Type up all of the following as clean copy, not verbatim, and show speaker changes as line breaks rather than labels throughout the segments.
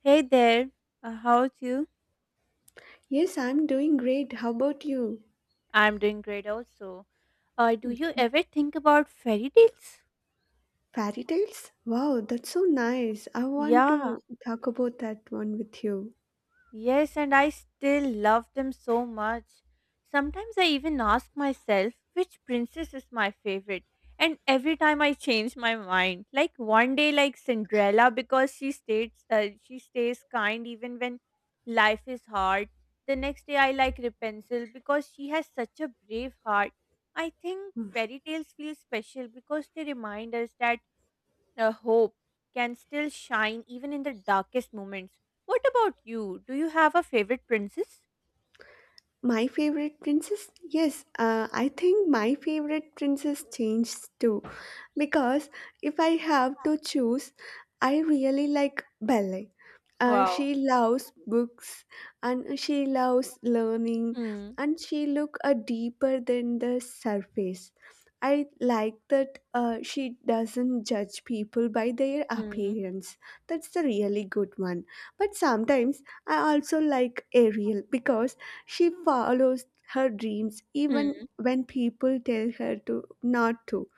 Hey there, how are you?
Yes, I'm doing great. How about you?
I'm doing great also. Do you
Okay.
ever think about fairy tales?
Fairy tales? Wow, that's so nice. I want
Yeah,
to talk about that one with you.
Yes, and I still love them so much. Sometimes I even ask myself which princess is my favorite, and every time I change my mind. Like one day, like Cinderella, because she stays kind even when life is hard. The next day, I like Rapunzel because she has such a brave heart. I think fairy tales feel special because they remind us that the hope can still shine even in the darkest moments. What about you? Do you have a favorite princess?
My favorite princess? Yes, I think my favorite princess changed too, because if I have to choose, I really like ballet.
Wow.
She loves books and she loves learning
Mm.
and she look deeper than the surface. I like that she doesn't judge people by their
Mm.
appearance. That's a really good one. But sometimes I also like Ariel because she follows her dreams
Mm.
even when people tell her to not to,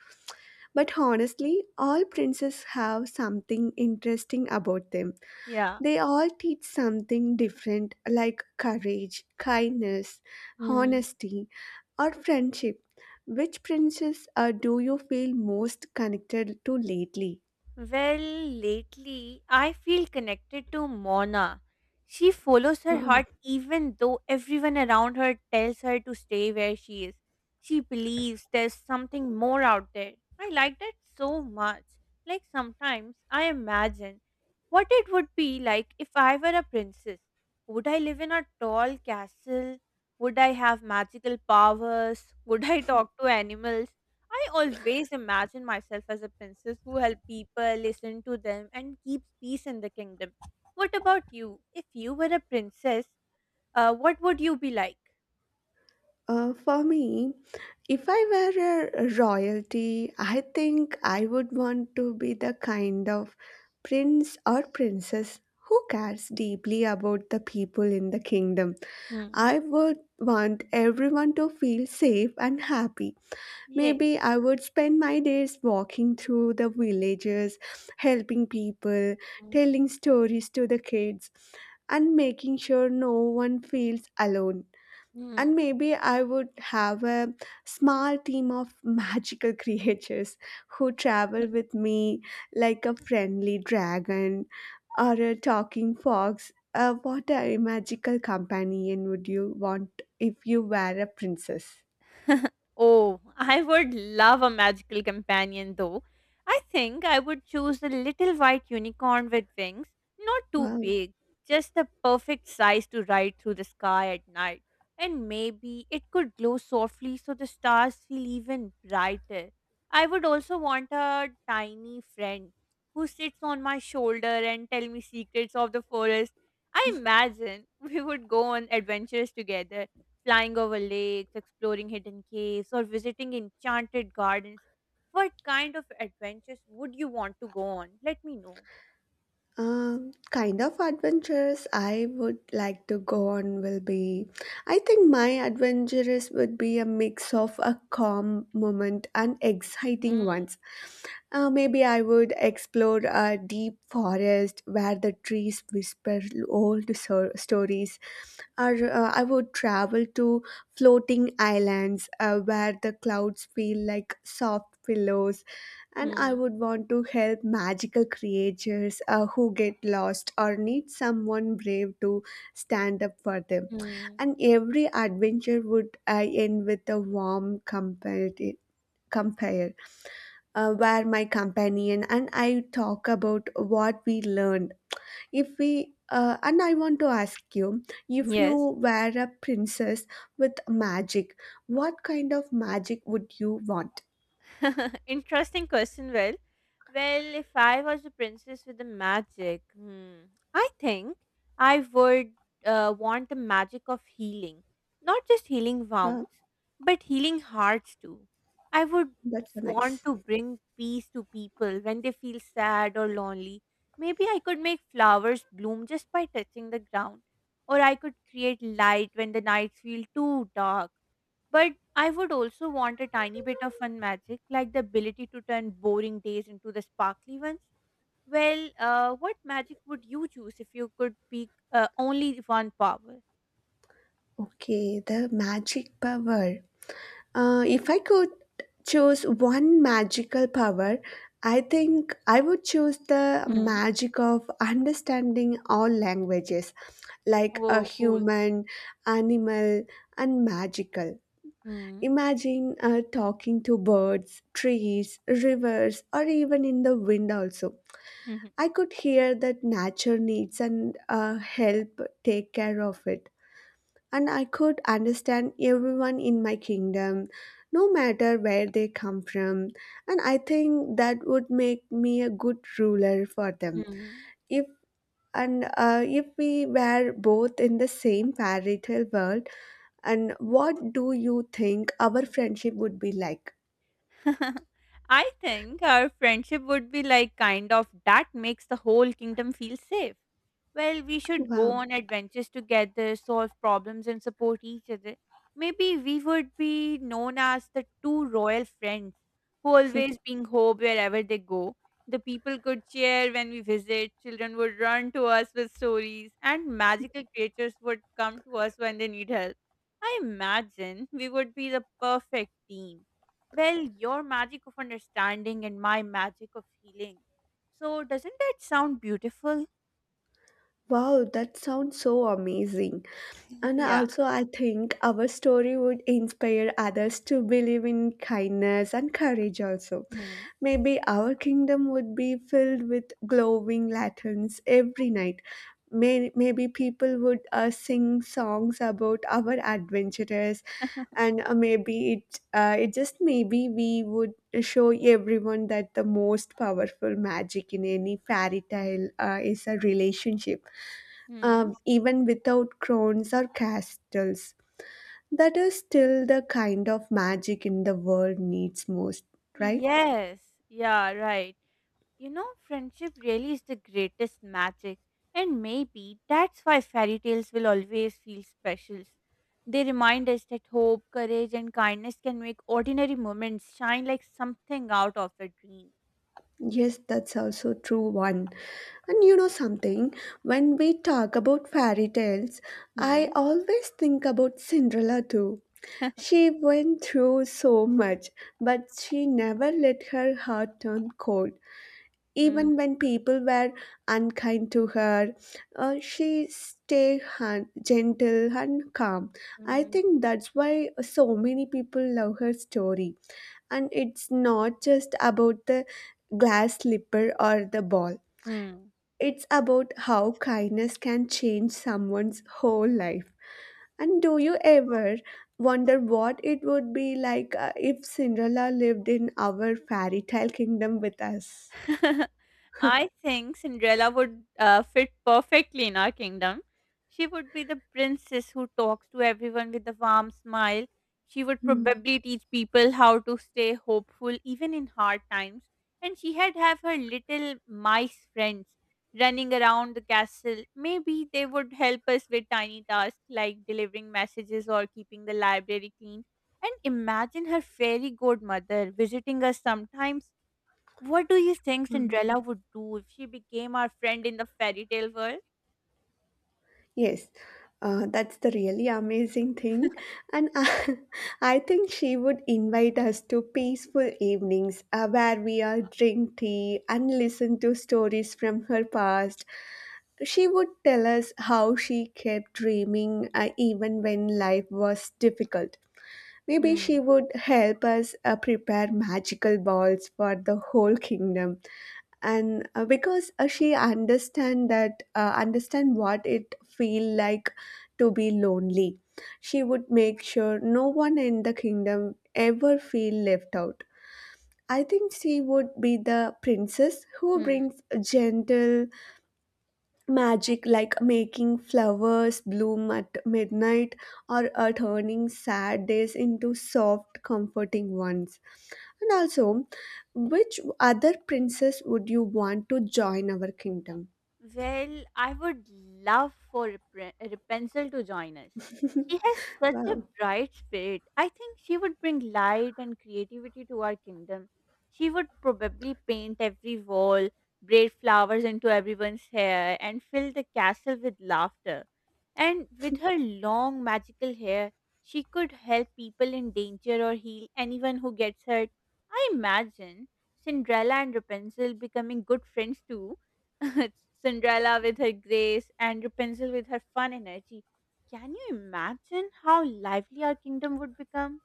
but honestly, all princes have something interesting about them.
Yeah.
They all teach something different, like courage, kindness,
Mm.
honesty, or friendship. Which princes do you feel most connected to lately?
Well, lately I feel connected to Mona. She follows her
Wow.
heart even though everyone around her tells her to stay where she is. She believes there's something more out there. I like that so much. Like sometimes I imagine what it would be like if I were a princess. Would I live in a tall castle? Would I have magical powers? Would I talk to animals? I always imagine myself as a princess who help people, listen to them, and keeps peace in the kingdom. What about you? If you were a princess, what would you be like?
For me, if I were a royalty, I think I would want to be the kind of prince or princess who cares deeply about the people in the kingdom.
Hmm.
I would want everyone to feel safe and happy.
Yeah.
Maybe I would spend my days walking through the villages, helping people,
Hmm.
telling stories to the kids, and making sure no one feels alone,
Hmm.
and maybe I would have a small team of magical creatures who travel with me, like a friendly dragon or a talking fox. What a magical companion would you want if you were a princess?
Oh, I would love a magical companion though. I think I would choose a little white unicorn with wings, not too
Wow.
big, just the perfect size to ride through the sky at night. And maybe it could glow softly so the stars feel even brighter. I would also want a tiny friend who sits on my shoulder and tell me secrets of the forest. I imagine we would go on adventures together flying over lakes, exploring hidden caves, or visiting enchanted gardens. What kind of adventures would you want to go on? Let me know.
Kind of adventures I would like to go on will be. I think my adventures would be a mix of a calm moment and exciting
Mm,
ones. Maybe I would explore a deep forest where the trees whisper stories, or I would travel to floating islands where the clouds feel like soft pillows, and I
mm,
would want to help magical creatures who get lost or need someone brave to stand up for them.
mm.
And every adventure would end with a warm compare, compare where my companion and I talk about what we learned. If we and I want to ask you, if you
Yes.
were a princess with magic, what kind of magic would you want?
Interesting question. Well, if I was a princess with the magic, hmm, I think I would want the magic of healing. Not just healing
Wow,
wounds, but healing hearts too. I would
that's so nice.
want to bring peace to people when they feel sad or lonely. Maybe I could make flowers bloom just by touching the ground. Or I could create light when the nights feel too dark, but I would also want a tiny bit of fun magic, like the ability to turn boring days into the sparkly ones. Well, what magic would you choose if you could pick only one power?
Okay, the magic power. If I could choose one magical power, I think I would choose the
Hmm.
magic of understanding all languages, like a
Oh, cool.
human, animal, and magical.
Hmm.
Imagine talking to birds, trees, rivers, or even in the wind also. I could hear that nature needs and help take care of it, and I could understand everyone in my kingdom, no matter where they come from. And I think that would make me a good ruler for
Mhm.
them.
Hmm.
If if we were both in the same fairy tale world, and what do you think our friendship would be like?
I think our friendship would be like kind of that makes the whole kingdom feel safe. Well, we should go
Wow.
on adventures together, solve problems, and support each other. Maybe we would be known as the two royal friends who always bring hope wherever they go. The people could cheer when we visit, children would run to us with stories, and magical creatures would come to us when they need help. I imagine we would be the perfect team. Well, your magic of understanding and my magic of healing. So, doesn't that sound beautiful?
Wow, that sounds so amazing. And
Yeah.
also, I think our story would inspire others to believe in kindness and courage, also.
Hmm.
Maybe our kingdom would be filled with glowing lanterns every night. Maybe people would sing songs about our adventures, and maybe it, it just maybe we would show everyone that the most powerful magic in any fairy tale is a relationship,
Hmm.
even without crowns or castles. That is still the kind of magic in the world needs most, right?
Yes, yeah, right. You know, friendship really is the greatest magic, and maybe that's why fairy tales will always feel special. They remind us that hope, courage, and kindness can make ordinary moments shine like something out of a dream.
Yes, that's also true one. And you know something, when we talk about fairy tales, I
Hmm.
always think about Cinderella too. She went through so much, but she never let her heart turn cold.
Hmm.
Even when people were unkind to her, she stayed gentle and calm. I
Mm.
think that's why so many people love her story, and it's not just about the glass slipper or the ball,
Hmm.
it's about how kindness can change someone's whole life. And do you ever wonder what it would be like if Cinderella lived in our fairy tale kingdom with us?
I think Cinderella would fit perfectly in our kingdom. She would be the princess who talks to everyone with a warm smile. She would
Hmm.
probably teach people how to stay hopeful even in hard times. And she had have her little mice friends running around the castle. Maybe they would help us with tiny tasks like delivering messages or keeping the library clean. And imagine her fairy godmother visiting us sometimes. What do you think Cinderella would do if she became our friend in the fairy tale world?
Yes, that's the really amazing thing. And I think she would invite us to peaceful evenings where we all drink tea and listen to stories from her past. She would tell us how she kept dreaming even when life was difficult. Maybe she
Hmm.
would help us prepare magical balls for the whole kingdom. And because she understand that understand what it feel like to be lonely, she would make sure no one in the kingdom ever feel left out. I think she would be the princess who
Hmm.
brings gentle magic, like making flowers bloom at midnight or turning sad days into soft comforting ones. And also, which other princess would you want to join our kingdom?
Well, I would love for Rapunzel to join us. She has such a
Wow.
bright spirit. I think she would bring light and creativity to our kingdom. She would probably paint every wall, braid flowers into everyone's hair, and fill the castle with laughter. And with her long magical hair, she could help people in danger or heal anyone who gets hurt. I imagine Cinderella and Rapunzel becoming good friends too. Cinderella with her grace and Rapunzel with her fun energy. Can you imagine how lively our kingdom would become?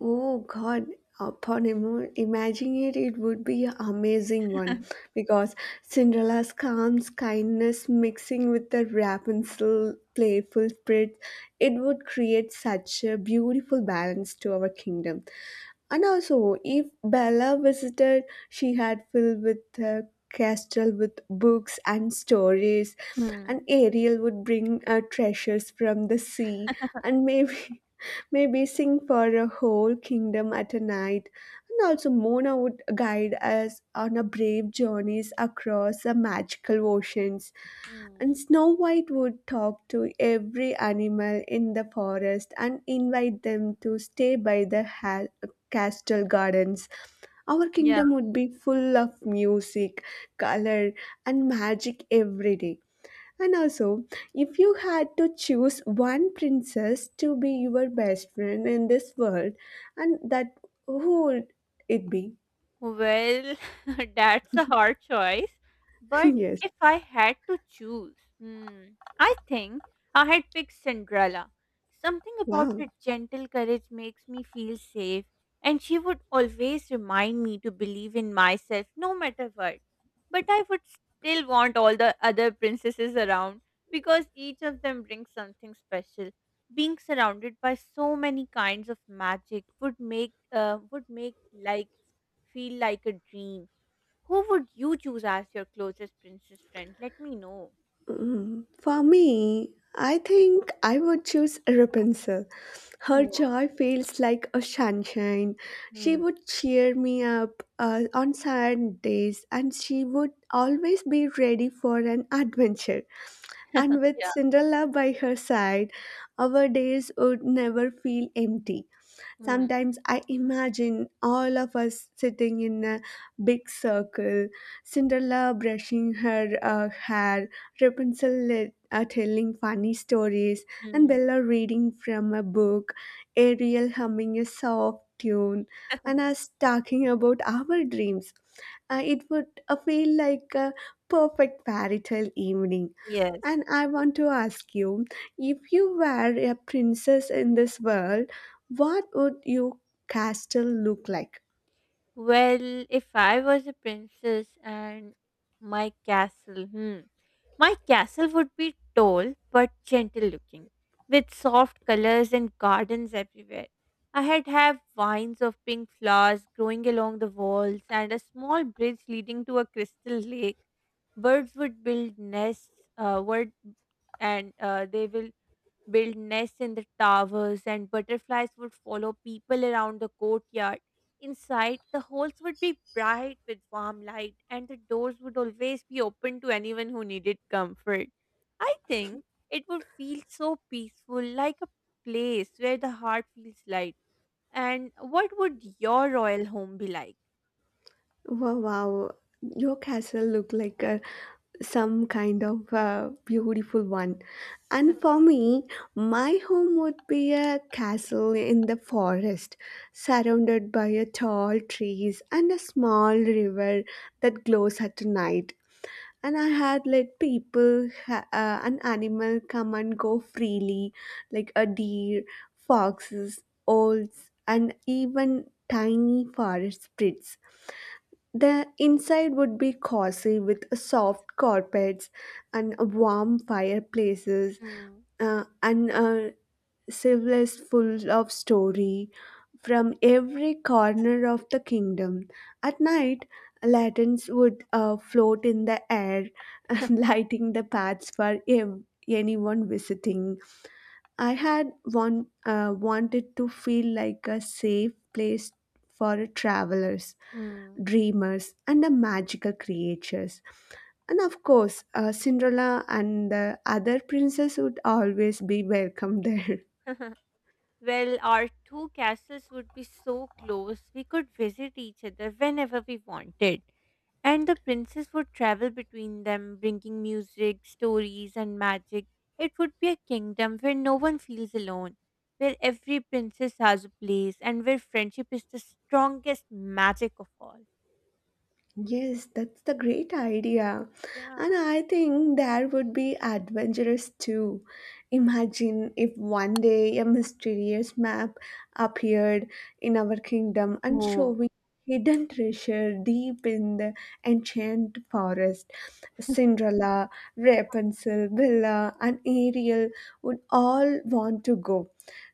Oh God, upon imagining it, it would be an amazing one, because Cinderella's calm kindness mixing with the Rapunzel playful spirit, it would create such a beautiful balance to our kingdom. And also, if Bella visited, she had filled with the castle with books and stories, and
Hmm.
Ariel would bring treasures from the sea, and maybe sing for a whole kingdom at a night. And also, Mona would guide us on a brave journeys across the magical oceans. And
Hmm.
Snow White would talk to every animal in the forest and invite them to stay by the castle gardens. Our kingdom would be full of music, color, and magic every day. And also, if you had to choose one princess to be your best friend in this world, and that who would it be?
Well, that's a hard choice. But
Yes.
if I had to choose, hmm, I think I had picked Cinderella. Something about
Wow.
her gentle courage makes me feel safe, and she would always remind me to believe in myself no matter what. But I would still want all the other princesses around because each of them brings something special. Being surrounded by so many kinds of magic would make life feel like a dream. Who would you choose as your closest princess friend? Let me know.
Mm, for me, I think I would choose Rapunzel. Her
Hmm.
joy feels like a sunshine. She
Hmm.
would cheer me up on sad days, and she would always be ready for an adventure. And with
Yeah.
Cinderella by her side, our days would never feel empty.
Hmm.
Sometimes I imagine all of us sitting in a big circle, Cinderella brushing her hair, Rapunzel telling funny stories, and
Mm,
Bella reading from a book, Ariel humming a soft tune, and us talking about our dreams. It would feel like a perfect fairy tale evening.
yes.
And I want to ask you, if you were a princess in this world, what would your castle look like?
Well, if I was a princess and my castle, hmm, my castle would be tall but gentle looking, with soft colors and gardens everywhere. I had have vines of pink flowers growing along the walls and a small bridge leading to a crystal lake. Birds would build nests, word, and they will Build nests in the towers, and butterflies would follow people around the courtyard. Inside, the halls would be bright with warm light, and the doors would always be open to anyone who needed comfort. I think it would feel so peaceful, like a place where the heart feels light. And what would your royal home be like?
Wow, wow. Your castle look like a, some kind of beautiful one. And for me, my home would be a castle in the forest, surrounded by a tall trees and a small river that glows at night. And I had let people an animal come and go freely, like a deer, foxes, owls, and even tiny forest spirits. The inside would be cozy with soft carpets and warm fireplaces,
Hmm.
and civilized full of story from every corner of the kingdom. At night, lanterns would float in the air, lighting the paths for anyone visiting. I had one, wanted to feel like a safe place for travelers,
Hmm.
dreamers, and the magical creatures. And of course, Cinderella and the other princess would always be welcome there.
Well, our two castles would be so close, we could visit each other whenever we wanted. And the princess would travel between them, bringing music, stories, and magic. It would be a kingdom where no one feels alone, where every princess has a place, and where friendship is the strongest magic of all.
Yes, that's the great idea.
Yeah.
And I think there would be adventurous too. Imagine if one day a mysterious map appeared in our kingdom and showing
Oh,
hidden treasure deep in the enchanted forest. Cinderella, Rapunzel, Bella, and Ariel would all want to go.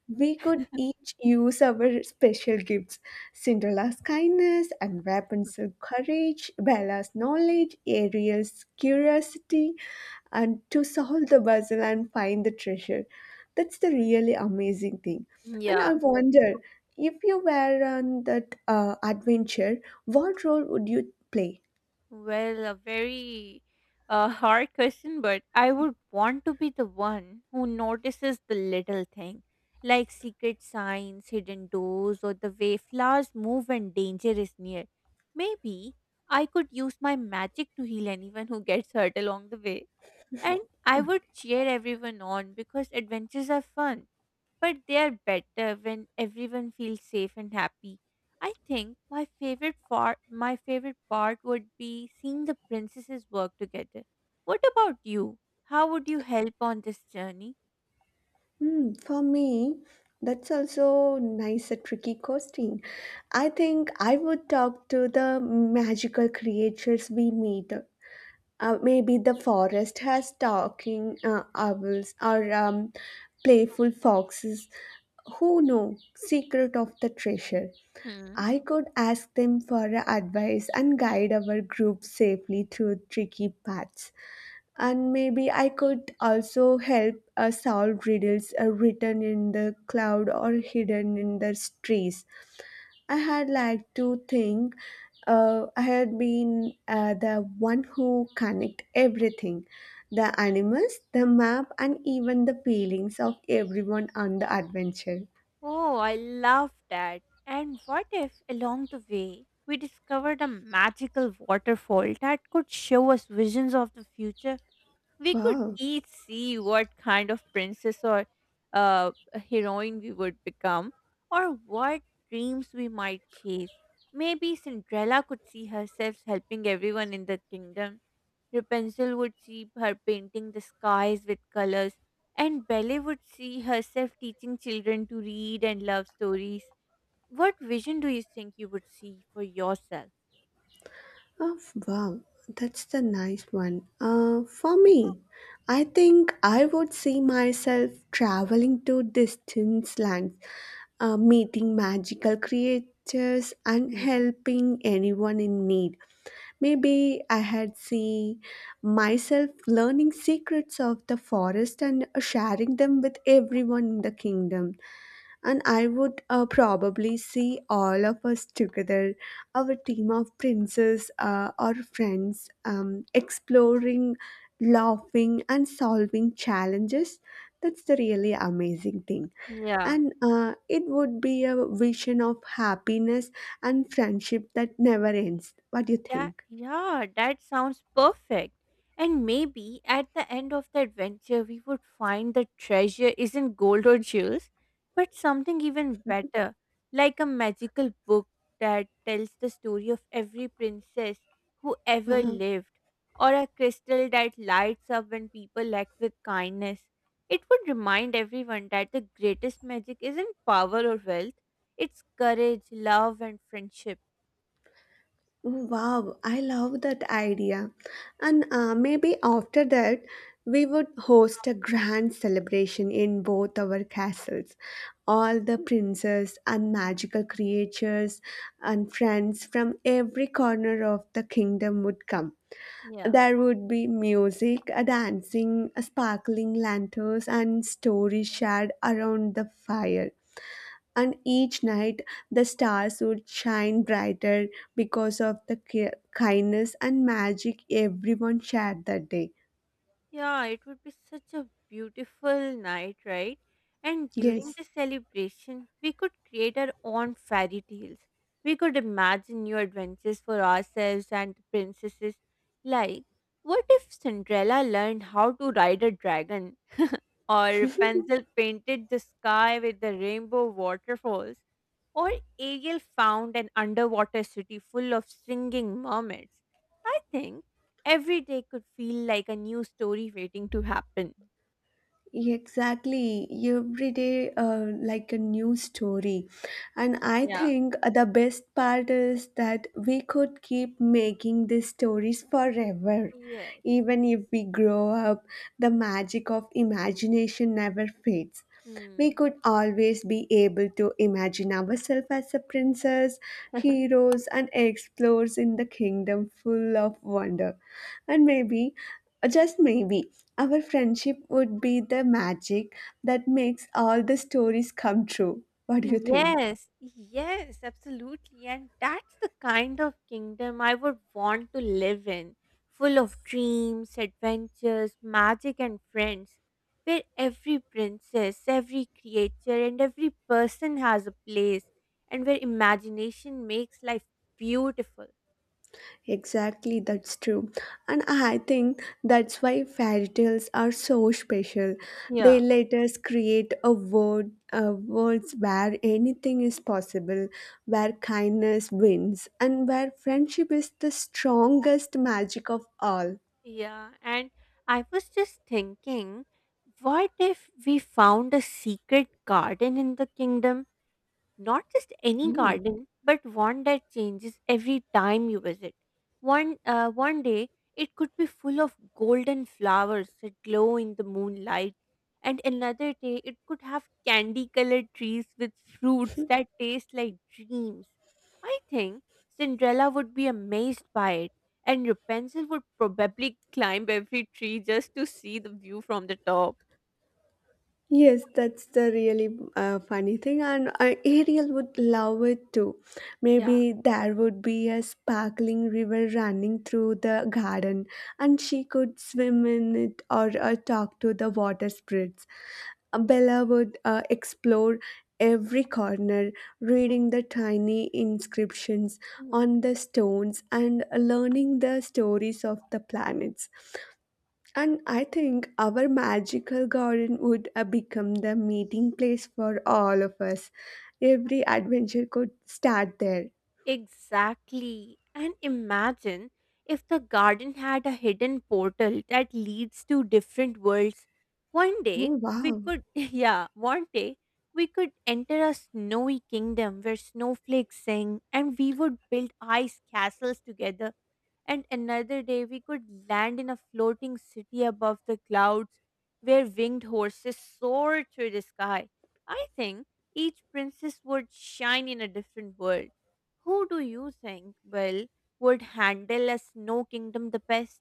We could each use our special gifts. Cinderella's kindness and Rapunzel's courage, Bella's knowledge, Ariel's curiosity, and to solve the puzzle and find the treasure. That's the really amazing thing. And
yeah.
I wonder, if you were on that adventure, what role would you play?
Well, a very hard question, but I would want to be the one who notices the little thing, like secret signs, hidden doors, or the way flowers move when danger is near. Maybe I could use my magic to heal anyone who gets hurt along the way. And I would cheer everyone on because adventures are fun, but they are better when everyone feels safe and happy. I think my favorite part would be seeing the princesses work together. What about you? How would you help on this journey?
Hmm, for me, that's also nice a tricky question. I think I would talk to the magical creatures we meet. Maybe the forest has talking owls or playful foxes who know secret of the treasure.
Hmm.
I could ask them for advice and guide our group safely through tricky paths, and maybe I could also help solve riddles written in the cloud or hidden in the trees. I had like to think I had been the one who connect everything, the animals, the map, and even the feelings of everyone on the adventure.
Oh, I love that. And what if along the way we discovered a magical waterfall that could show us visions of the future? We could
Wow.
each see what kind of princess or a heroine we would become, or what dreams we might chase. Maybe Cinderella could see herself helping everyone in the kingdom. Rapunzel would see her painting the skies with colors, and Belle would see herself teaching children to read and love stories. What vision do you think you would see for yourself?
Oh, wow, that's the nice one. For me, I think I would see myself traveling to distant lands, meeting magical creatures, and
Hmm.
helping anyone in need. Maybe I had see myself learning secrets of the forest and sharing them with everyone in the kingdom, and I would probably see all of us together, our team of princes or friends, exploring, laughing, and solving challenges. That's the really amazing thing.
Yeah.
And it would be a vision of happiness and friendship that never ends. What do you think?
That sounds perfect. And maybe at the end of the adventure we would find the treasure isn't gold or jewels, but something even better, like a magical book that tells the story of every princess who ever
Wow.
lived, or a crystal that lights up when people act with kindness. It would remind everyone that the greatest magic isn't power or wealth, it's courage, love and friendship.
Wow, I love that idea. And maybe after that, we would host a grand celebration in both our castles. All the princes and magical creatures and friends from every corner of the kingdom would come.
Yeah.
There would be music, a dancing, a sparkling lanterns, and stories shared around the fire and each night the stars would shine brighter because of the kindness and magic everyone shared that day.
Yeah, it would be such a beautiful night, right? And during
Yes,
the celebration, we could create our own fairy tales. We could imagine new adventures for ourselves and the princesses. Like, what if Cinderella learned how to ride a dragon? Or Pencil painted the sky with the rainbow waterfalls? Or Ariel found an underwater city full of singing mermaids? I think every day could feel like a new story waiting to happen.
exactly. Every day, like a new story. And I
Yeah.
think the best part is that we could keep making these stories forever.
Yes.
Even if we grow up, the magic of imagination never fades. We
Hmm.
could always be able to imagine ourselves as a princess, heroes, and explorers in the kingdom full of wonder. And maybe, just maybe, our friendship would be the magic that makes all the stories come true. What do you think?
Yes, absolutely. And that's the kind of kingdom I would want to live in, full of dreams, adventures, magic, and friends, where every princess, every creature, and every person has a place, and where imagination makes life beautiful.
Exactly, that's true. And I think that's why fairy tales are so special. They
Yeah.
let us create a world where anything is possible, where kindness wins, and where friendship is the strongest magic of all.
Yeah, and I was just thinking, what if we found a secret garden in the kingdom? Not just any
Hmm.
garden, but one that changes every time you visit. One day, it could be full of golden flowers that glow in the moonlight, and another day, it could have candy colored trees with fruits that taste like dreams. I think Cinderella would be amazed by it, and Rapunzel would probably climb every tree just to see the view from the top.
Yes, that's the really funny thing, and Ariel would love it too.
Yeah.
Maybe there would be a sparkling river running through the garden, and she could swim in it or talk to the water spirits. Bella would explore every corner, reading the tiny inscriptions on the stones and learning the stories of the planets. And I think our magical garden would become the meeting place for all of us. Every adventure could start there.
Exactly. And imagine if the garden had a hidden portal that leads to different worlds. One day
Oh,
we
wow.
could, yeah, One day we could enter a snowy kingdom where snowflakes sing and we would build ice castles together, and another day we could land in a floating city above the clouds where winged horses soared through the sky. I think each princess would shine in a different world. Who do you think, Will, would handle a snow kingdom the best?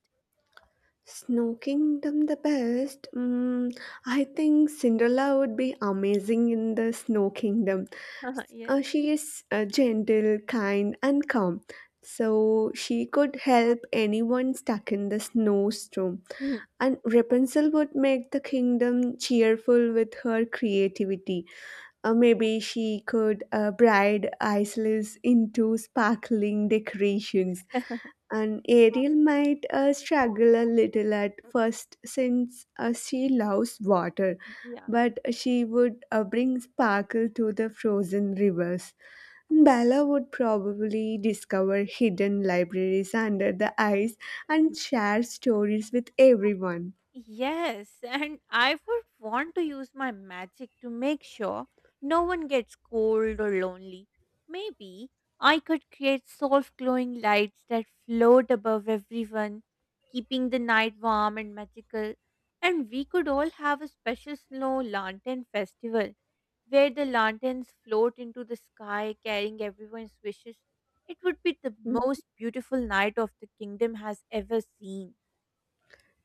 Snow Kingdom the best. Mm, I think Cinderella would be amazing in the Snow Kingdom.
Yes.
She is gentle, kind, and calm. So she could help anyone stuck in the snowstorm. And Rapunzel would make the kingdom cheerful with her creativity. Maybe she could bride Islis into sparkling decorations. And Ariel might struggle a little at first since she loves water,
Yeah.
but she would bring sparkle to the frozen rivers. Bella would probably discover hidden libraries under the ice and share stories with everyone.
Yes, and I would want to use my magic to make sure no one gets cold or lonely. Maybe I could create soft glowing lights that float above everyone, keeping the night warm and magical. And we could all have a special snow lantern festival where the lanterns float into the sky carrying everyone's wishes. It would be the most beautiful night of the kingdom has ever seen.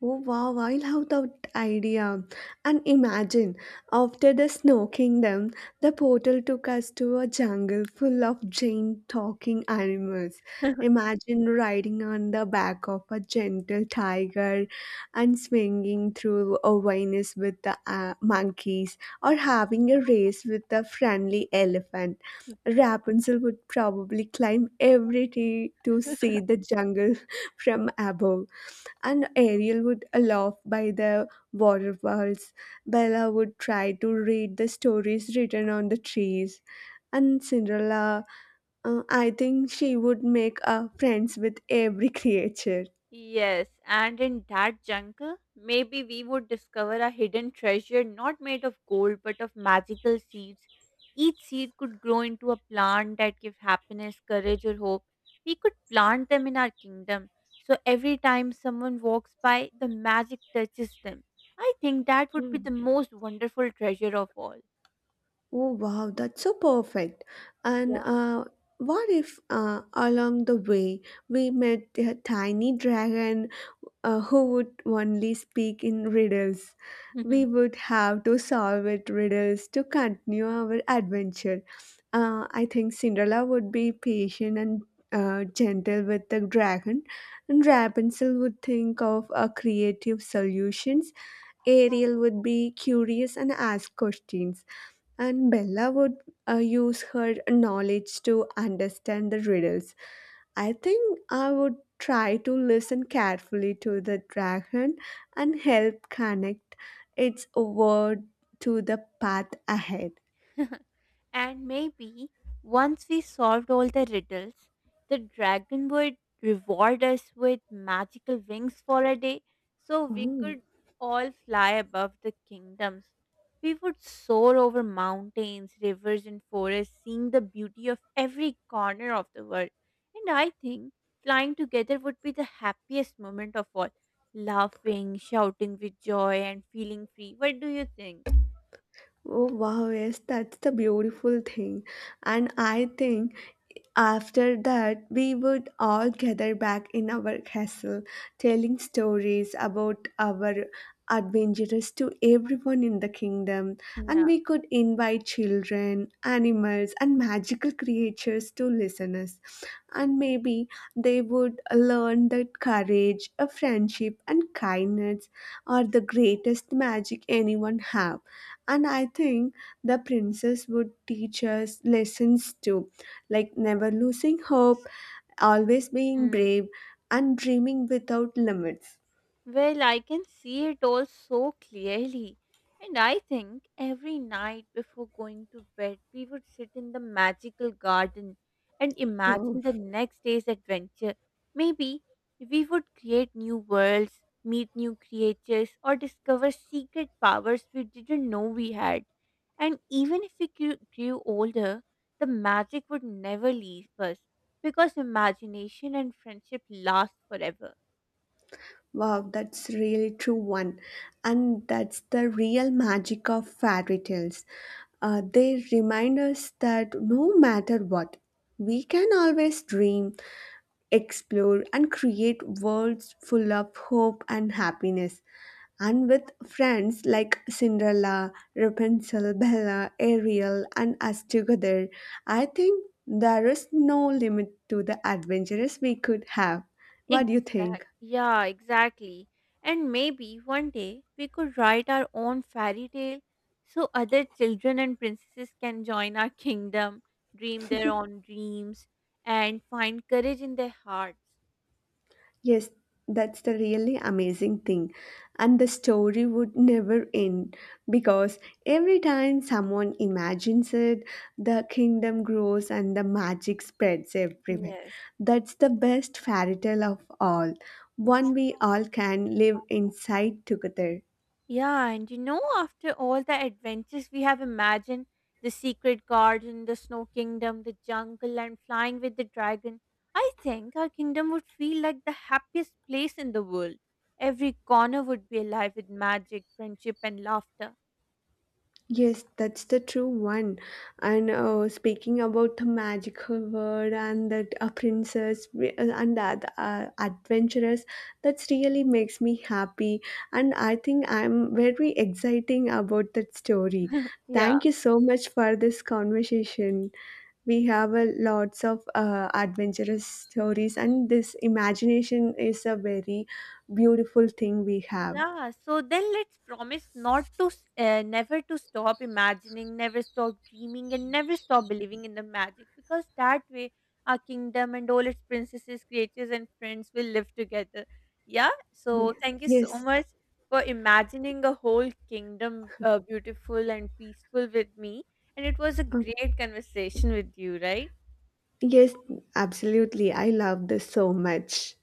Oh wow, wow, I love that idea. And imagine, after the snow kingdom, the portal took us to a jungle full of giant talking animals. Imagine riding on the back of a gentle tiger and swinging through a vines with the monkeys or having a race with a friendly elephant. Rapunzel would probably climb every tree to see the jungle from above and Ariel would laugh by the waterfalls. Bella would try to read the stories written on the trees, and Cinderella, I think she would make friends with every creature.
Yes, and in that jungle, maybe we would discover a hidden treasure not made of gold but of magical seeds. Each seed could grow into a plant that gives happiness, courage, or hope. We could plant them in our kingdom, so every time someone walks by, the magic touches them. I think that would be the most wonderful treasure of all.
Oh wow, that's so perfect. And
Yeah.
what if along the way we met a tiny dragon who would only speak in riddles? We would have to solve it riddles to continue our adventure. I think Cinderella would be patient and gentle with the dragon, and Rapunzel would think of creative solutions, Ariel would be curious and ask questions, and Bella would use her knowledge to understand the riddles. I think I would try to listen carefully to the dragon and help connect its word to the path ahead.
And maybe once we solved all the riddles, the dragon would reward us with magical wings for a day so we
Oh,
could all fly above the kingdoms. We would soar over mountains, rivers, and forests, seeing the beauty of every corner of the world. And I think flying together would be the happiest moment of all. Laughing, shouting with joy, and feeling free. What do you think?
Oh wow, yes, that's the beautiful thing. And I think after that we would all gather back in our castle, telling stories about our adventures to everyone in the kingdom. And
Yeah.
we could invite children, animals, and magical creatures to listen us and maybe they would learn that courage, a friendship, and kindness are the greatest magic anyone have. And I think the princess would teach us lessons too, like never losing hope, always being brave, and dreaming without limits.
Well, I can see it all so clearly. And I think every night before going to bed, we would sit in the magical garden and
Oh.
imagine the next day's adventure. Maybe we would create new worlds, meet new creatures, or discover secret powers we didn't know we had. And even if we grew older, the magic would never leave us because imagination and friendship last forever.
Wow, that's really true one. And that's the real magic of fairy tales. They remind us that no matter what, we can always dream, explore, and create worlds full of hope and happiness. And with friends like Cinderella, Rapunzel, Bella, Ariel, and us together, I think there is no limit to the adventures we could have. What do you
Exactly.
think?
Yeah, exactly. And maybe one day we could write our own fairy tale so other children and princesses can join our kingdom, dream their own dreams, and find courage in their hearts.
Yes, that's the really amazing thing. And the story would never end because every time someone imagines it, the kingdom grows and the magic spreads everywhere.
Yes.
That's the best fairy tale of all, one we all can live inside together.
Yeah, and you know, after all the adventures we have imagined, the secret garden, the snow kingdom, the jungle, and flying with the dragon, I think our kingdom would feel like the happiest place in the world. Every corner would be alive with magic, friendship, and laughter.
Yes, that's the true one. And speaking about the magical world and that a and that adventurous, that's really makes me happy. And I think I'm very exciting about that story.
Yeah.
Thank you so much for this conversation. We have a lots of adventurous stories, and this imagination is a very beautiful thing we have.
Yeah, so then let's promise not to, s- never to stop imagining, never stop dreaming, and never stop believing in the magic because that way our kingdom and all its princesses, creatures, and friends will live together. Yeah, so
Ye-
thank you so
Yes.
much for imagining a whole kingdom beautiful and peaceful with me. And it was a
Uh,
great conversation with you, right?
Yes, absolutely. I love this so much.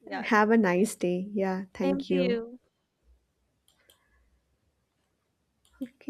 Yeah,
Have
same,
a nice day. Yeah,
same
thank
to
you.
you.
Okay.